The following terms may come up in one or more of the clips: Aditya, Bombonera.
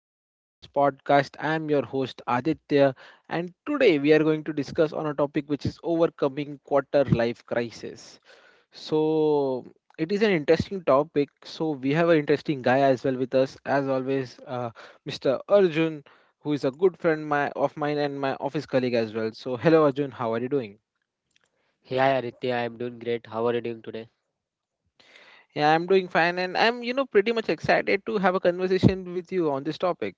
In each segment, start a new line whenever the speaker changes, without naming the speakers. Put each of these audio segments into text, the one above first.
again to today's podcast. I am your host Aditya, and today we are going to discuss on a topic which is overcoming quarter life crisis. So, it is an interesting topic. So, we have an interesting guy as well with us, as always, Mr. Arjun, who is a good friend of mine and my office colleague as well. So, hello Arjun, how are you doing?
Hey, hi Aditya, I'm doing great. How are you doing today?
Yeah, I'm doing fine, and I'm pretty much excited to have a conversation with you on this topic.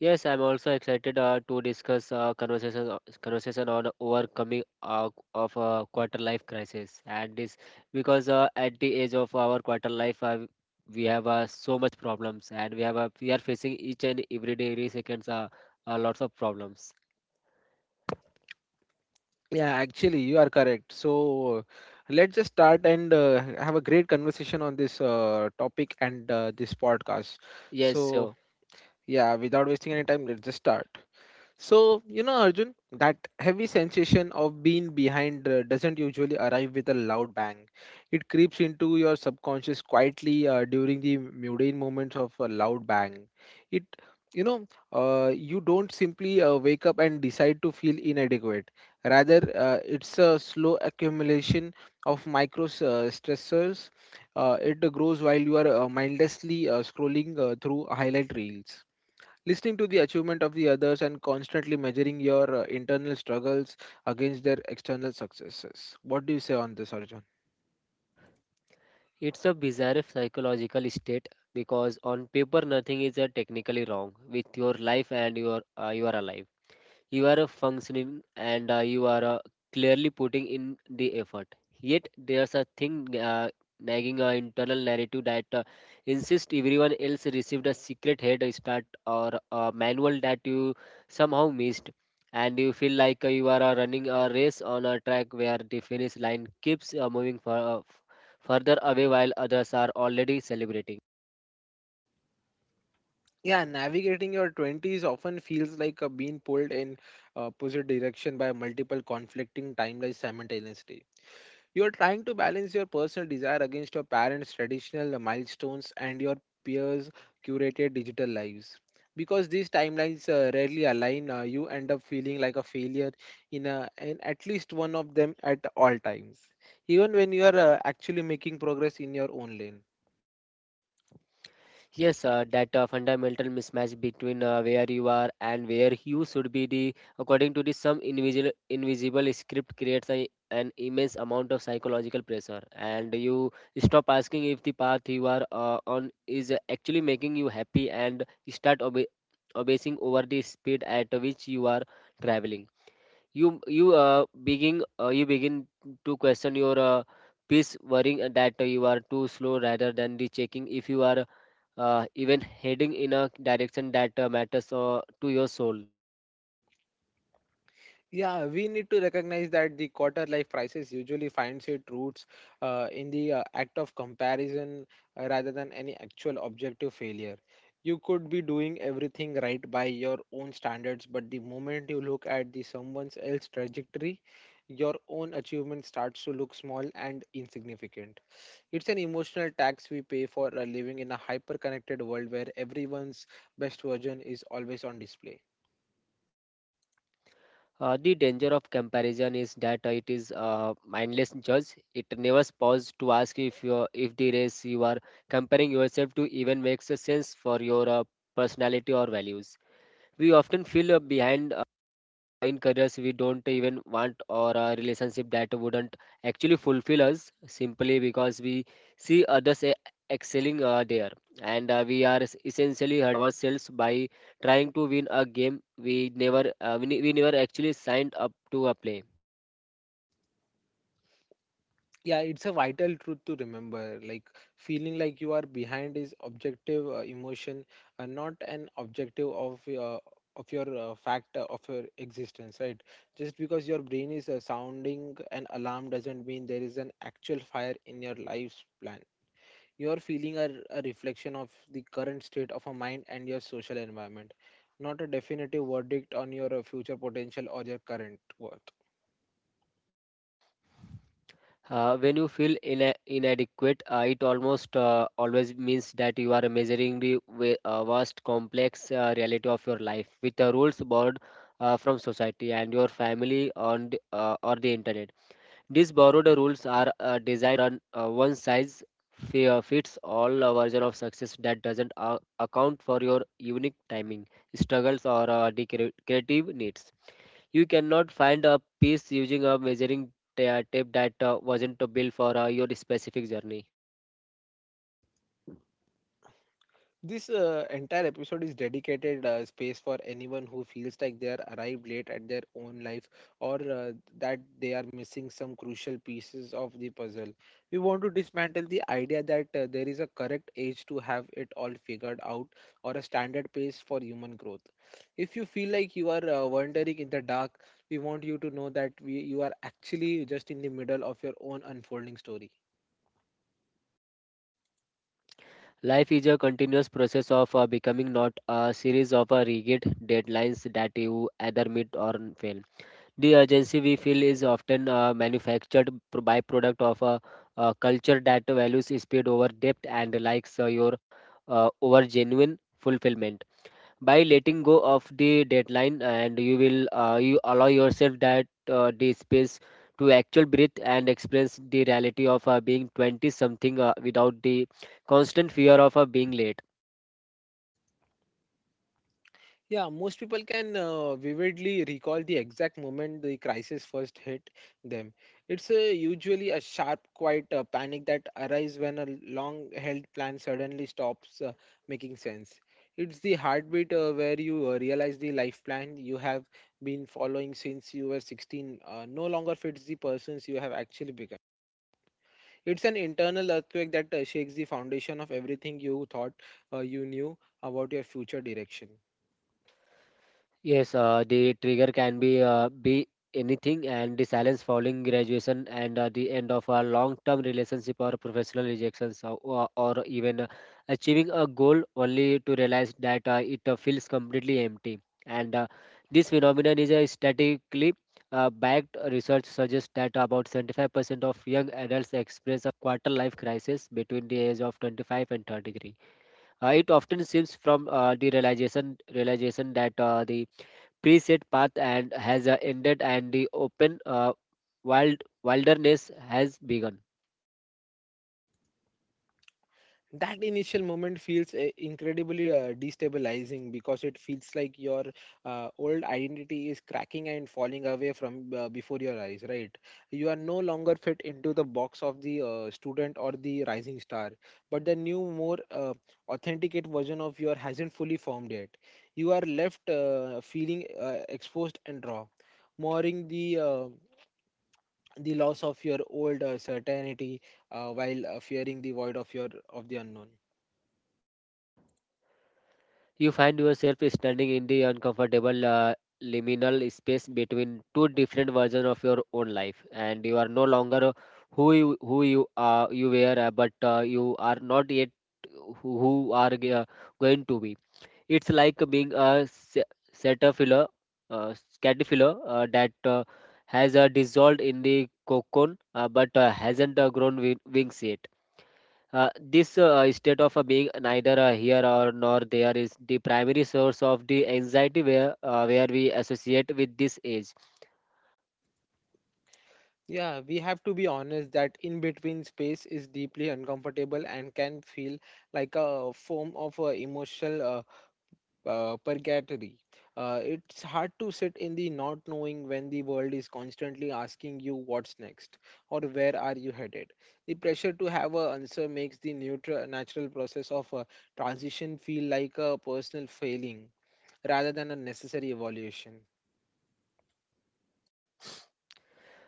Yes, I'm also excited to discuss conversation on overcoming of a quarter life crisis, and this because at the age of our quarter life, we have so much problems, and we are facing each and every day, every seconds, lots of problems.
Yeah, actually, you are correct. So let's just start and have a great conversation on this topic and this podcast. Yes.
Yes,
So,
so
yeah, without wasting any time, let's just start. So, you know, Arjun, that heavy sensation of being behind doesn't usually arrive with a loud bang. It creeps into your subconscious quietly during the mundane moments of a loud bang. It, you know, you don't simply wake up and decide to feel inadequate. Rather, it's a slow accumulation of micro stressors. It grows while you are mindlessly scrolling through highlight reels. Listening to the achievement of the others and constantly measuring your internal struggles against their external successes. What do you say on this, Arjun?
it's a bizarre psychological state because on paper nothing is technically wrong with your life and you are alive. You are functioning and you are clearly putting in the effort. Yet there's a thing nagging internal narrative that insists everyone else received a secret head start or a manual that you somehow missed. And you feel like you are running a race on a track where the finish line keeps moving further away while others are already celebrating.
Yeah, navigating your 20s often feels like being pulled in opposite direction by multiple conflicting timelines simultaneously. You are trying to balance your personal desire against your parents' traditional milestones and your peers' curated digital lives. Because these timelines rarely align, you end up feeling like a failure in at least one of them at all times, even when you are actually making progress in your own lane.
Yes, that fundamental mismatch between where you are and where you should be the according to the some invisible script creates a, an immense amount of psychological pressure, and you stop asking if the path you are on is actually making you happy and start obe obsessing over the speed at which you are traveling. You begin to question your peace, worrying that you are too slow rather than the checking if you are even heading in a direction that matters to your soul.
Yeah, we need to recognize that the quarter life crisis usually finds its roots in the act of comparison rather than any actual objective failure. You could be doing everything right by your own standards, but the moment you look at the someone else's trajectory, your own achievement starts to look small and insignificant. It's an emotional tax we pay for living in a hyper-connected world where everyone's best version is always on display.
The danger of comparison is that it is a mindless judge. It never pauses to ask if the race you are comparing yourself to even makes a sense for your personality or values. We often feel behind in careers we don't even want or a relationship that wouldn't actually fulfill us simply because we see excelling there, and we are essentially hurt ourselves by trying to win a game we never actually signed up to play.
Yeah, it's a vital truth to remember, like, feeling like you are behind is objective emotion, not an objective of your fact of your existence, right? Just because your brain is sounding an alarm doesn't mean there is an actual fire in your life's plan. Your feeling are a reflection of the current state of a mind and your social environment, not a definitive verdict on your future potential or your current worth.
When you feel inadequate, it almost always means that you are measuring the vast, complex reality of your life with the rules borrowed from society and your family on the, or the internet. These borrowed rules are designed on a one size fits all version of success that doesn't account for your unique timing, struggles, or the creative needs. You cannot find a piece using a measuring tape that wasn't built for your specific journey.
This entire episode is dedicated space for anyone who feels like they are arrived late at their own life or that they are missing some crucial pieces of the puzzle. We want to dismantle the idea that there is a correct age to have it all figured out or a standard pace for human growth. If you feel like you are wandering in the dark, we want you to know that you are actually just in the middle of your own unfolding story.
Life is a continuous process of becoming, not a series of rigid deadlines that you either meet or fail. The urgency we feel is often manufactured byproduct of a culture that values speed over depth and likes your over genuine fulfillment. By letting go of the deadline, and you will you allow yourself that the space to actual breathe and experience the reality of being 20 something without the constant fear of being late.
Yeah, most people can vividly recall the exact moment the crisis first hit them. It's usually a sharp, quiet panic that arises when a long-held plan suddenly stops making sense. It's the heartbeat where you realize the life plan you have been following since you were 16 no longer fits the persons you have actually become. It's an internal earthquake that shakes the foundation of everything you thought you knew about your future direction.
Yes, the trigger can be anything, and the silence following graduation and the end of a long-term relationship or professional rejections or even achieving a goal only to realize that it feels completely empty. And this phenomenon is a statistically backed research suggests that about 75% of young adults experience a quarter-life crisis between the age of 25 and 33. It often seems from the realization that the preset path and has ended and the open wilderness has begun.
That initial moment feels incredibly destabilizing because it feels like your old identity is cracking and falling away from before your eyes, right? You are no longer fit into the box of the student or the rising star, but the new, more authenticate version of your hasn't fully formed yet. You are left feeling exposed and raw, mourning the the loss of your old certainty while fearing the void of your of the unknown.
You find yourself standing in the uncomfortable liminal space between two different versions of your own life, and you are no longer who you are you were, but you are not yet who are going to be. It's like being a caterpillar, uh, caterpillar that has dissolved in the cocoon, but hasn't grown wings yet. This state of being neither here or nor there is the primary source of the anxiety where we associate with this age.
Yeah, we have to be honest that in between space is deeply uncomfortable and can feel like a form of emotional purgatory. It's hard to sit in the not knowing when the world is constantly asking you what's next or where are you headed. The pressure to have an answer makes the neutral, natural process of transition feel like a personal failing rather than a necessary evolution.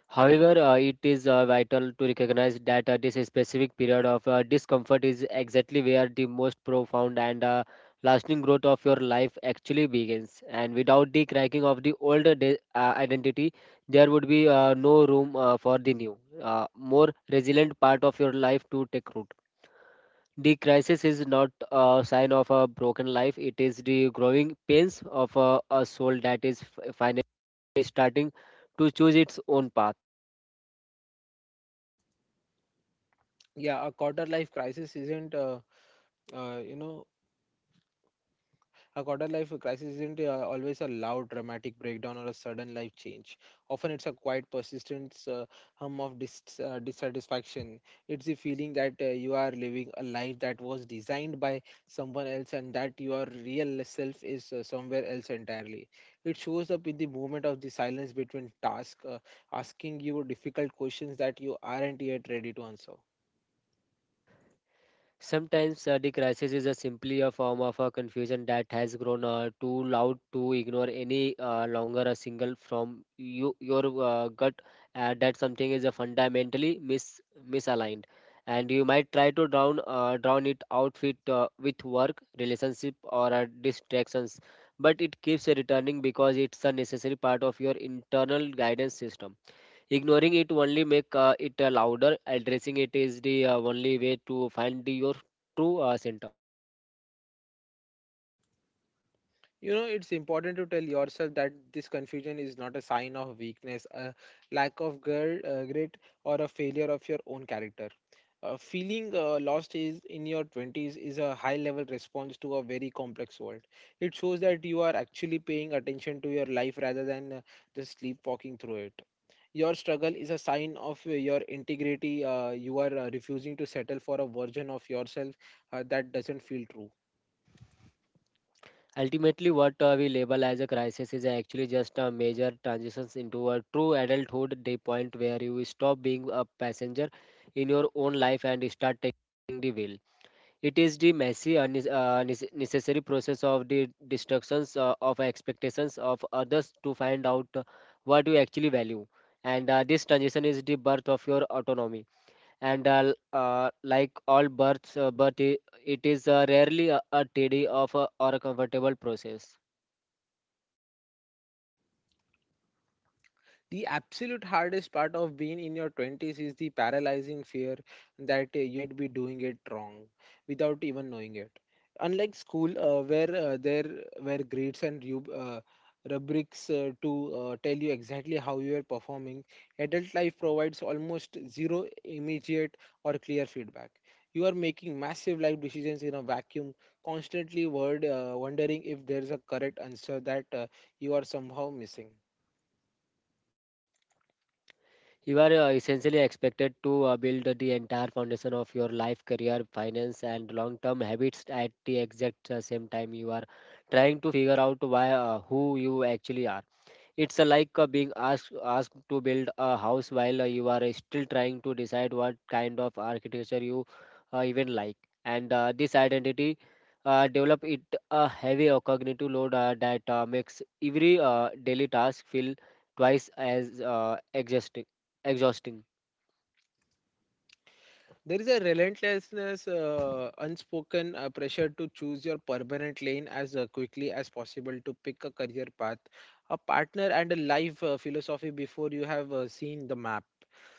However, it is vital to recognize that this specific period of discomfort is exactly where the most profound and lasting growth of your life actually begins. And without the cracking of the older identity, there would be no room for the new, more resilient part of your life to take root. The crisis is not a sign of a broken life, it is the growing pains of a soul that is finally starting to choose its own path.
Yeah, a quarter life crisis isn't. You know A quarter life crisis isn't always a loud, dramatic breakdown or a sudden life change. Often, it's a quiet, persistent hum of dissatisfaction. It's the feeling that you are living a life that was designed by someone else and that your real self is somewhere else entirely. It shows up in the movement of the silence between tasks, asking you difficult questions that you aren't yet ready to answer.
Sometimes the crisis is a simply a form of a confusion that has grown too loud to ignore any longer, a single from you, your gut that something is fundamentally misaligned, and you might try to drown it out with work, relationship, or distractions, but it keeps returning because it's a necessary part of your internal guidance system. Ignoring it only make it louder. Addressing it is the only way to find your true center.
You know, it's important to tell yourself that this confusion is not a sign of weakness, a lack of grit, or a failure of your own character. Feeling lost is in your 20s is a high level response to a very complex world. It shows that you are actually paying attention to your life rather than just sleepwalking through it. Your struggle is a sign of your integrity. You are refusing to settle for a version of yourself that doesn't feel true.
Ultimately, what we label as a crisis is actually just a major transitions into a true adulthood, the point where you stop being a passenger in your own life and start taking the wheel. It is the messy, and necessary process of the destructions of expectations of others to find out what you actually value. And this transition is the birth of your autonomy. And like all births, it is rarely a tidy of or a comfortable process.
The absolute hardest part of being in your 20s is the paralyzing fear that you'd be doing it wrong without even knowing it. Unlike school, where there were grades and rubrics to tell you exactly how you are performing, adult life provides almost zero immediate or clear feedback. You are making massive life decisions in a vacuum, constantly wondering if there's a correct answer that you are somehow missing.
You are essentially expected to build the entire foundation of your life, career, finance, and long-term habits at the exact same time you are trying to figure out why who you actually are. It's a like a being asked to build a house while you are still trying to decide what kind of architecture you even like. And this identity develop it a heavy cognitive load that makes every daily task feel twice as exhausting. Exhausting.
There is a relentlessness, unspoken pressure to choose your permanent lane as quickly as possible to pick a career path, a partner, and a life philosophy before you have seen the map.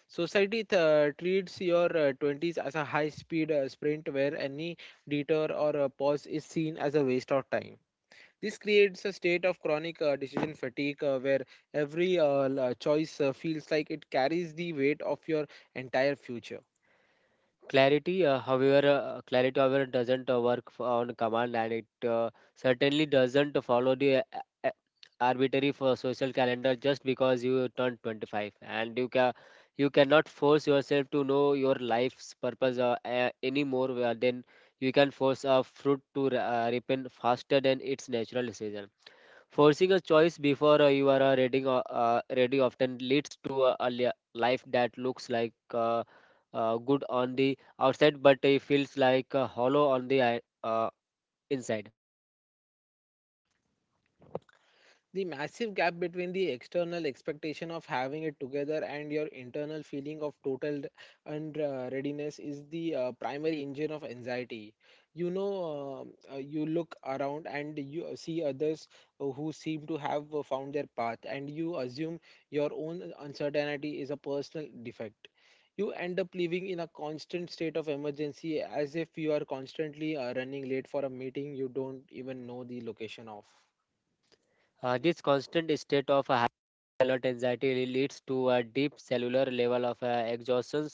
Society treats your 20s as a high speed sprint where any detour or pause is seen as a waste of time. This creates a state of chronic decision fatigue where every choice feels like it carries the weight of your entire future.
Clarity, however, doesn't work on command, and it certainly doesn't follow the uh, arbitrary for social calendar just because you turned 25, and you cannot force yourself to know your life's purpose any more than you can force a fruit to ripen faster than its natural season. Forcing a choice before you are ready often leads to a life that looks like good on the outside, but it feels like hollow on the inside.
The massive gap between the external expectation of having it together and your internal feeling of total unreadiness is the primary engine of anxiety. You know, you look around and you see others who seem to have found their path, and you assume your own uncertainty is a personal defect. You end up living in a constant state of emergency as if you are constantly running late for a meeting you don't even know the location of.
This constant state of alert anxiety leads to a deep cellular level of exhaustion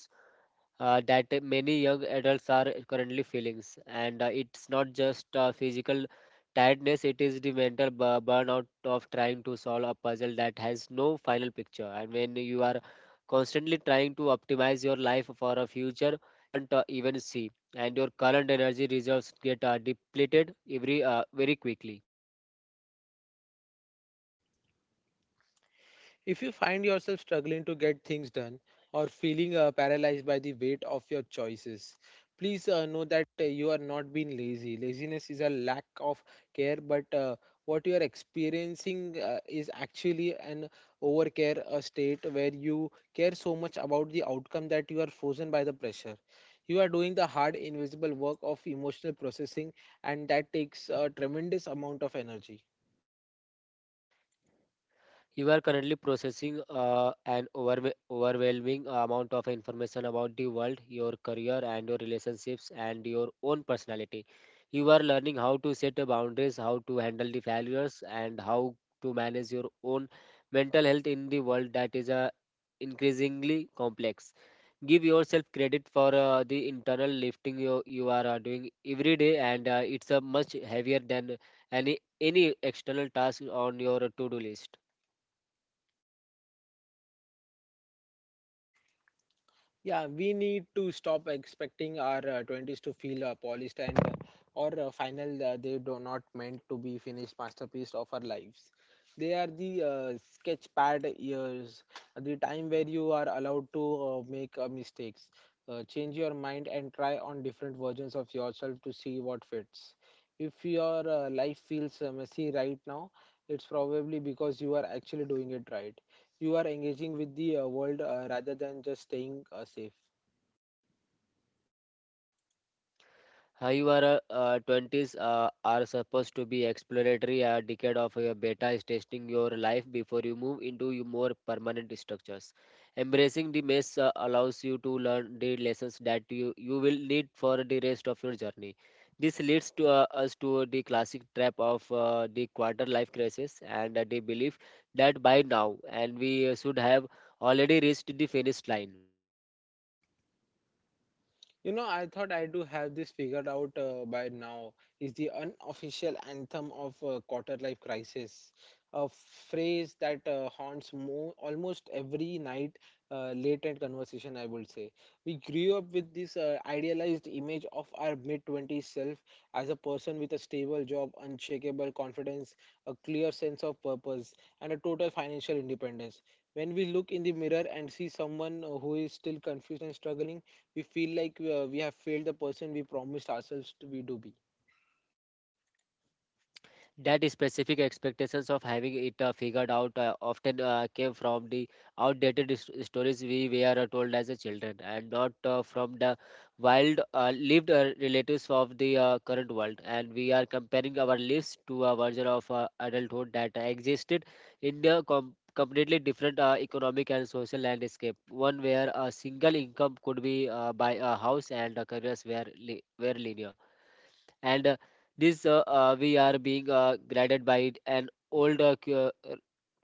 that many young adults are currently feeling. And it's not just physical tiredness, it is the mental burnout of trying to solve a puzzle that has no final picture. And when you are constantly trying to optimize your life for a future you can't even see, and your current energy reserves get depleted every very quickly.
If you find yourself struggling to get things done or feeling paralyzed by the weight of your choices, please know that you are not being lazy. Laziness is a lack of care, but what you are experiencing is actually an overcare, a state where you care so much about the outcome that you are frozen by the pressure. You are doing the hard, invisible work of emotional processing, and that takes a tremendous amount of energy.
You are currently processing an overwhelming amount of information about the world, your career, and your relationships, and your own personality. You are learning how to set the boundaries, how to handle the failures, and how to manage your own mental health in the world that is increasingly complex. Give yourself credit for the internal lifting you are doing every day, and it's much heavier than any external task on your to do list.
Yeah, we need to stop expecting our 20s to feel polished and or final. They do not meant to be finished masterpiece of our lives. They are the sketch pad years, the time where you are allowed to make mistakes, change your mind, and try on different versions of yourself to see what fits. If your life feels messy right now, it's probably because you are actually doing it right. You are engaging with the world rather than just staying safe.
Your 20s are supposed to be exploratory. A decade of your beta is testing your life before you move into your more permanent structures. Embracing the mess allows you to learn the lessons that you will need for the rest of your journey. This leads to us to the classic trap of the quarter life crisis, and the belief that by now and we should have already reached the finish line.
You know, I thought I do have this figured out by now. Is the unofficial anthem of quarter life crisis, a phrase that haunts almost every night late night conversation, I would say. We grew up with this idealized image of our mid twenties self as a person with a stable job, unshakable confidence, a clear sense of purpose, and a total financial independence. When we look in the mirror and see someone who is still confused and struggling, we feel like we have failed the person we promised ourselves to be.
That specific expectations of having it figured out often came from the outdated stories we were told as a children and not from the wild lived relatives of the current world, and we are comparing our lives to a version of adulthood that existed in a completely different economic and social landscape, one where a single income could be buy a house and a careers were, were linear. And this We are being guided by an older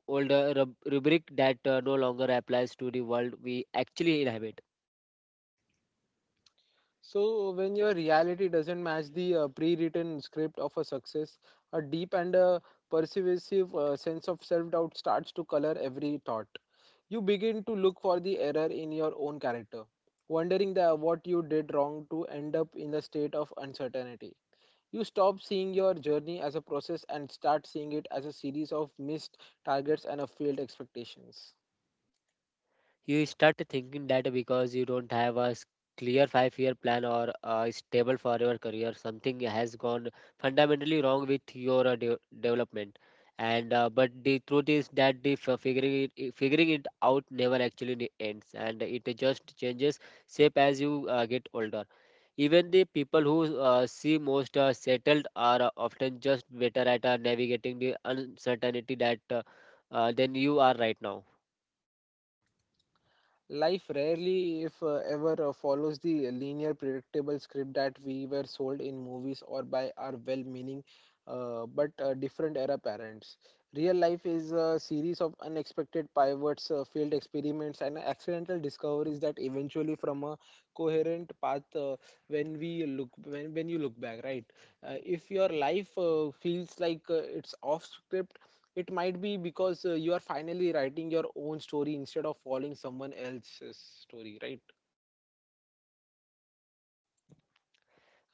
older rubric that no longer applies to the world we actually inhabit.
So when your reality doesn't match the pre-written script of a success, a deep and a pervasive sense of self-doubt starts to color every thought. You begin to look for the error in your own character, wondering what you did wrong to end up in the state of uncertainty. You stop seeing your journey as a process and start seeing it as a series of missed targets and a failed expectations.
You start thinking that because you don't have a clear 5 year plan or a stable forever career, something has gone fundamentally wrong with your development. And uh, but the truth is that the figuring it figuring it out never actually ends, and it just changes shape as you get older. Even the people who seem most settled are often just better at navigating the uncertainty that than you are right now.
Life rarely, if ever, follows the linear, predictable script that we were sold in movies or by our well meaning, but different era parents. Real life is a series of unexpected pivots, failed experiments, and accidental discoveries that eventually from a coherent path, when we when you look back, right? If your life feels like it's off script, it might be because you are finally writing your own story instead of following someone else's story, right?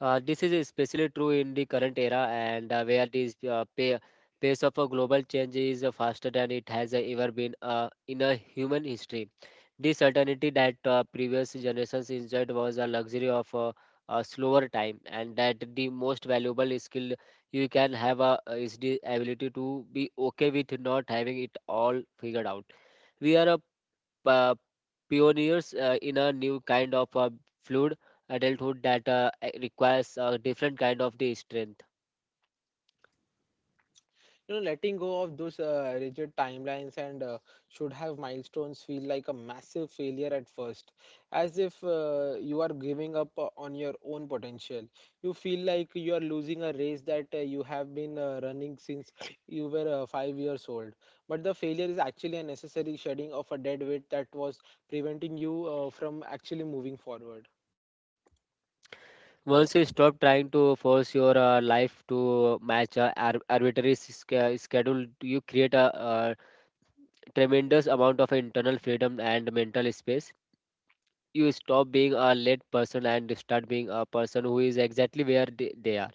This is especially true in the current era, and where this pace of a global change is faster than it has ever been in a human history. The certainty that previous generations enjoyed was a luxury of a slower time, and that the most valuable skill you can have is the ability to be okay with not having it all figured out. We are a uh, pioneers in a new kind of fluid adulthood that requires a different kind of the strength.
You know, letting go of those rigid timelines and should have milestones feel like a massive failure at first, as if you are giving up on your own potential. You feel like you are losing a race that you have been running since you were 5 years old. But the failure is actually a necessary shedding of a dead weight that was preventing you from actually moving forward.
Once you stop trying to force your life to match a arbitrary schedule, you create a tremendous amount of internal freedom and mental space. You stop being a late person and start being a person who is exactly where they are.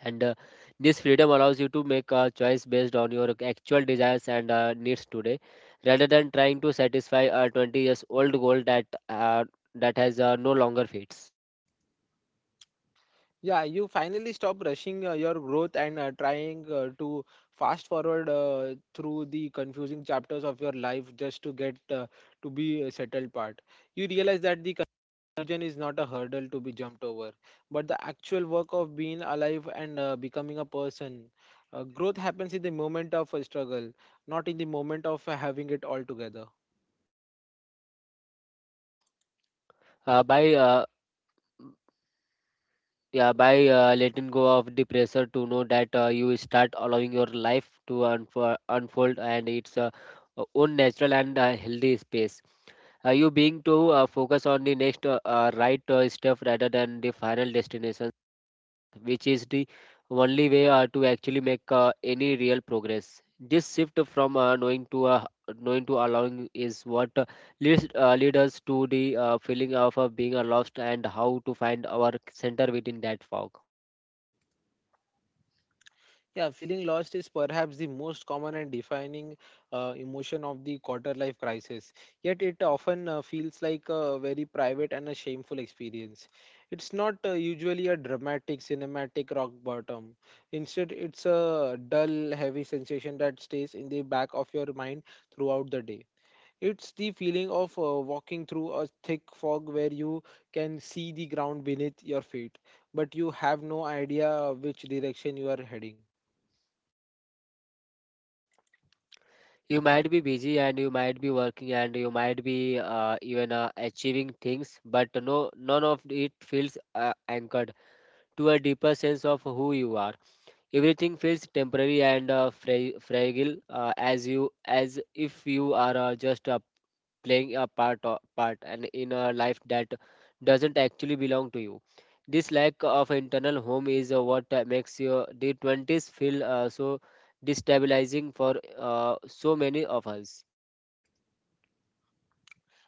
And This freedom allows you to make a choice based on your actual desires and needs today, rather than trying to satisfy a 20 years old goal that has no longer fits.
Yeah, you finally stop rushing your growth and trying to fast forward through the confusing chapters of your life just to get to be a settled part. You realize that the confusion is not a hurdle to be jumped over, but the actual work of being alive and becoming a person. Growth happens in the moment of a struggle, not in the moment of having it all together.
By yeah by Letting go of the pressure to know that you start allowing your life to unfold and its own natural and healthy space. You being to focus on the next right stuff rather than the final destination, which is the only way to actually make any real progress. This shift from knowing to allowing is what leads lead us to the feeling of being lost, and how to find our center within that fog.
Yeah, feeling lost is perhaps the most common and defining emotion of the quarter life crisis. Yet it often feels like a very private and a shameful experience. It's not usually a dramatic, cinematic rock bottom. Instead, it's a dull, heavy sensation that stays in the back of your mind throughout the day. It's the feeling of walking through a thick fog where you can see the ground beneath your feet, but you have no idea which direction you are heading.
You might be busy, and you might be working, and you might be even achieving things, but no, none of it feels anchored to a deeper sense of who you are. Everything feels temporary and fragile, as you as if you are just playing a part and in a life that doesn't actually belong to you. This lack of internal home is what makes your the 20s feel so destabilizing for so many of us.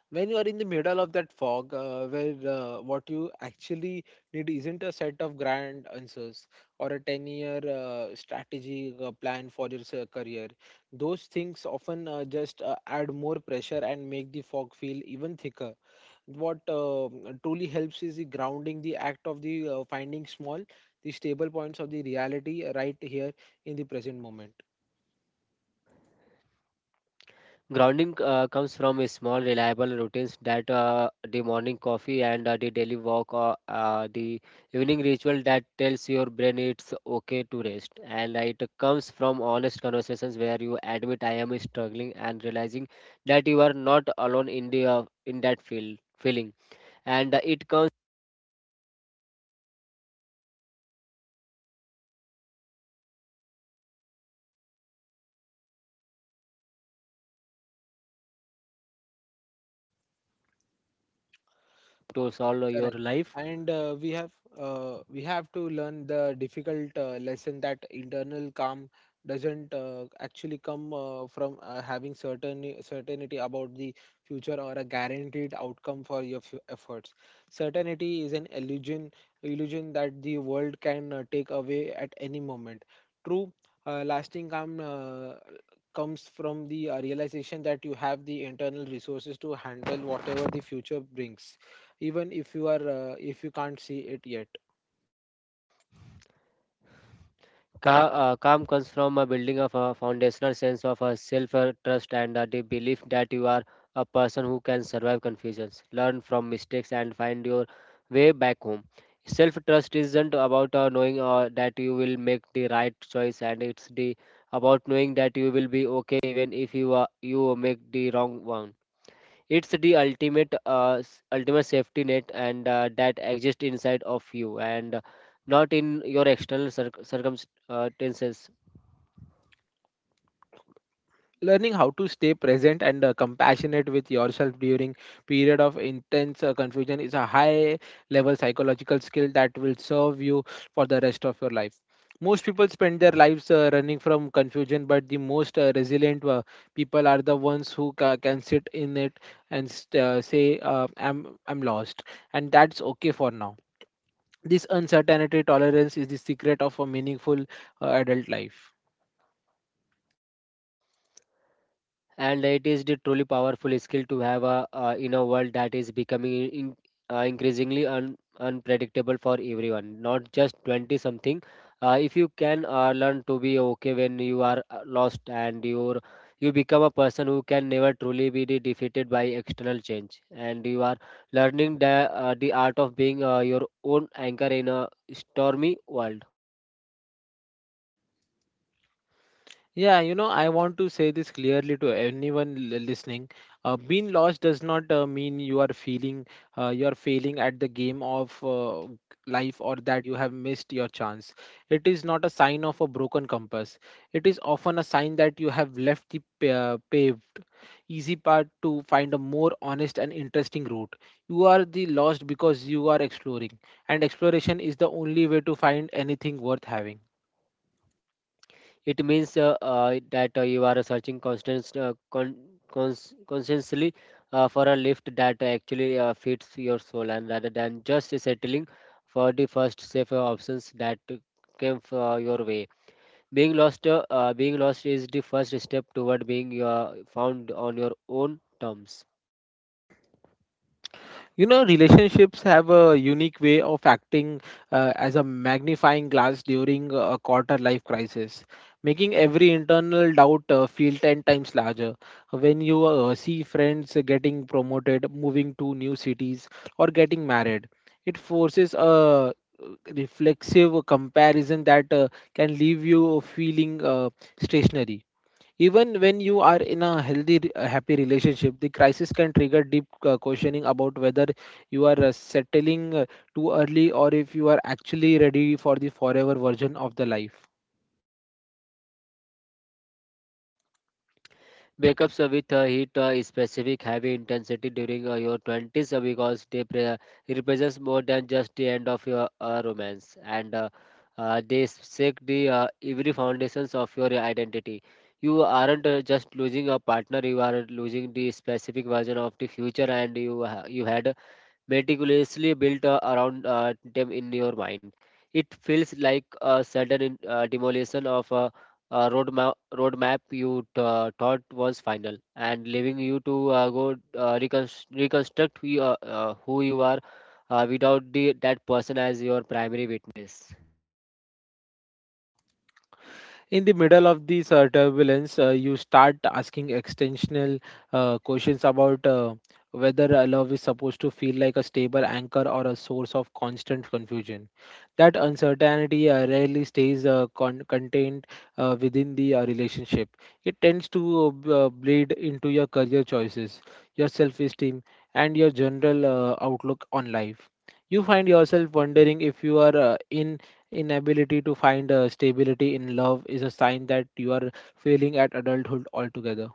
When you are in the middle of that fog, where what you actually need isn't a set of grand answers or a 10 year strategy plan for your career, those things often just add more pressure and make the fog feel even thicker. What truly helps is the grounding, the act of the finding small, the stable points of the reality right here in the present moment.
Grounding comes from a small, reliable routines that the morning coffee, and the daily walk, or the evening ritual that tells your brain it's okay to rest. And It comes from honest conversations where you admit I am struggling, and realizing that you are not alone in the in that feel feeling. And It comes to solve your
Correct.
life.
And we have to learn the difficult lesson that internal calm doesn't actually come from having certain certainty about the future or a guaranteed outcome for your efforts. Certainty is an illusion, illusion that the world can take away at any moment. True, lasting calm comes from the realization that you have the internal resources to handle whatever the future brings, even if you are if you can't see it yet.
Calm comes from a building of a foundational sense of a self trust, and the belief that you are a person who can survive confusions, learn from mistakes, and find your way back home. Self trust isn't about knowing that you will make the right choice, and it's the about knowing that you will be okay even if you make the wrong one. It's the ultimate ultimate safety net, and that exists inside of you, and not in your external circumstances.
Learning how to stay present and compassionate with yourself during period of intense confusion is a high level psychological skill that will serve you for the rest of your life. Most people spend their lives running from confusion, but the most resilient people are the ones who can sit in it and say I'm I'm lost and that's okay for now. This uncertainty tolerance is the secret of a meaningful adult life.
And it is the truly powerful skill to have a in a world that is becoming increasingly unpredictable for everyone, not just 20 something. If you can learn to be okay when you are lost, and you become a person who can never truly be defeated by external change, and you are learning the art of being your own anchor in a stormy world.
Yeah, you know, I want to say this clearly to anyone listening. Being lost does not mean you are feeling you are failing at the game of life or that you have missed your chance. It is not a sign of a broken compass. It is often a sign that you have left the paved, easy path to find a more honest and interesting route. You are the lost because you are exploring, and exploration is the only way to find anything worth having.
It means that you are searching constantly for a lift that actually fits your soul, and rather than just settling for the first safer options that came for your way. Being lost is the first step toward being found on your own terms.
You know, relationships have a unique way of acting as a magnifying glass during a quarter life crisis, making every internal doubt feel 10 times larger. When you see friends getting promoted, moving to new cities, or getting married, it forces a reflexive comparison that can leave you feeling stationary. Even when you are in a healthy, a happy relationship, the crisis can trigger deep questioning about whether you are settling too early or if you are actually ready for the forever version of the life.
Breakups with heat specific heavy intensity during your 20s because represents more than just the end of your romance, and they shake the every foundations of your identity. You aren't just losing a partner, you are losing the specific version of the future, you had meticulously built around them in your mind. It feels like a sudden demolition of a roadmap you thought was final, and leaving you to go reconstruct who you are without that person as your primary witness.
In the middle of this turbulence, you start asking extensional questions about whether a love is supposed to feel like a stable anchor or a source of constant confusion. That uncertainty rarely stays contained within the relationship. It tends to bleed into your career choices, your self esteem, and your general outlook on life. You find yourself wondering if you are in inability to find stability in love is a sign that you are failing at adulthood altogether.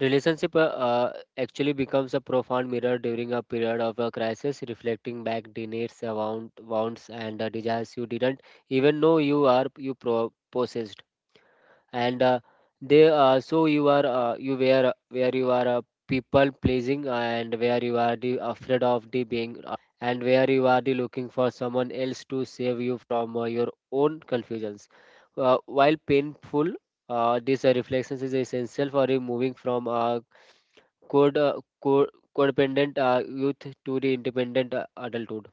Relationship actually becomes a profound mirror during a period of a crisis, reflecting back the needs, wants, and the desires you didn't even know you are you pro- possessed. And they So you are you where you are people pleasing, and where you are the afraid of the being and where you are the looking for someone else to save you from your own confusions. While painful, this reflections is essential for removing from code, uh, co- codependent youth to the independent adulthood.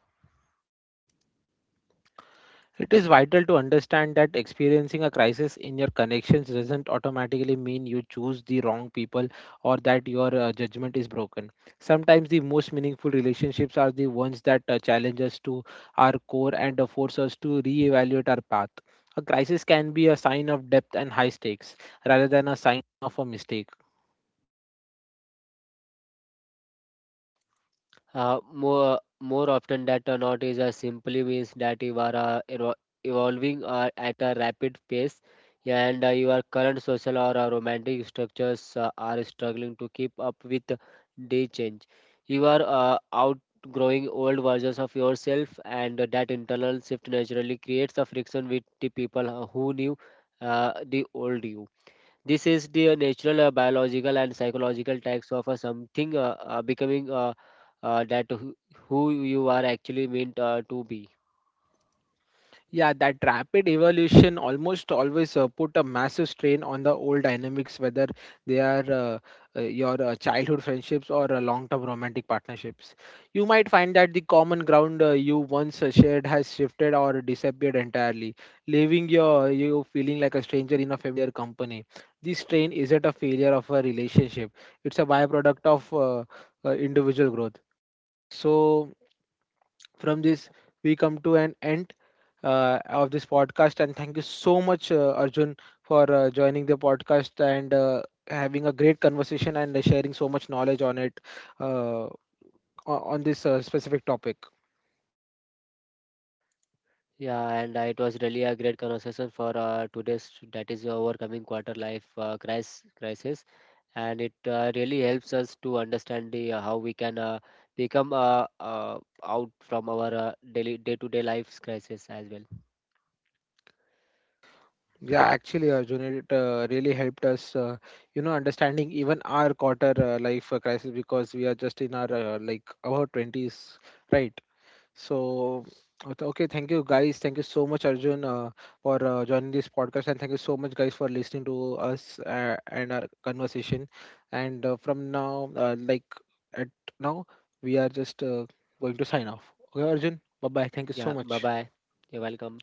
It is vital to understand that experiencing a crisis in your connections doesn't automatically mean you choose the wrong people or that your judgment is broken. Sometimes the most meaningful relationships are the ones that challenge us to our core and force us to reevaluate our path. A crisis can be a sign of depth and high stakes rather than a sign of a mistake.
More more often that or not is simply means that you are evolving at a rapid pace, and your current social or romantic structures are struggling to keep up with the change. You are outgrowing old versions of yourself, and that internal shift naturally creates a friction with the people who knew the old you. This is the natural biological and psychological tax of something becoming that who you are actually meant to be.
Yeah, that rapid evolution almost always put a massive strain on the old dynamics, whether they are your childhood friendships or long-term romantic partnerships. You might find that the common ground you once shared has shifted or disappeared entirely, leaving your you feeling like a stranger in a familiar company. This strain isn't a failure of a relationship; it's a byproduct of individual growth. So, from this, we come to an end of this podcast. And thank you so much, Arjun, for joining the podcast and having a great conversation and sharing so much knowledge on it, uh, on this specific topic.
Yeah, and it was really a great conversation for today's, that is overcoming quarter life crisis, and it really helps us to understand the how we can become out from our daily day-to-day life's crisis as well.
Yeah, actually, Arjun, it really helped us, you know, understanding even our quarter life crisis because we are just in our like about twenties, right? So, okay, okay, thank you guys. Thank you so much, Arjun, for joining this podcast, and thank you so much, guys, for listening to us and our conversation. And from now, like at now, we are just going to sign off. Okay, Arjun. Bye bye. Thank you
Yeah,
so
bye
much.
bye. You're welcome.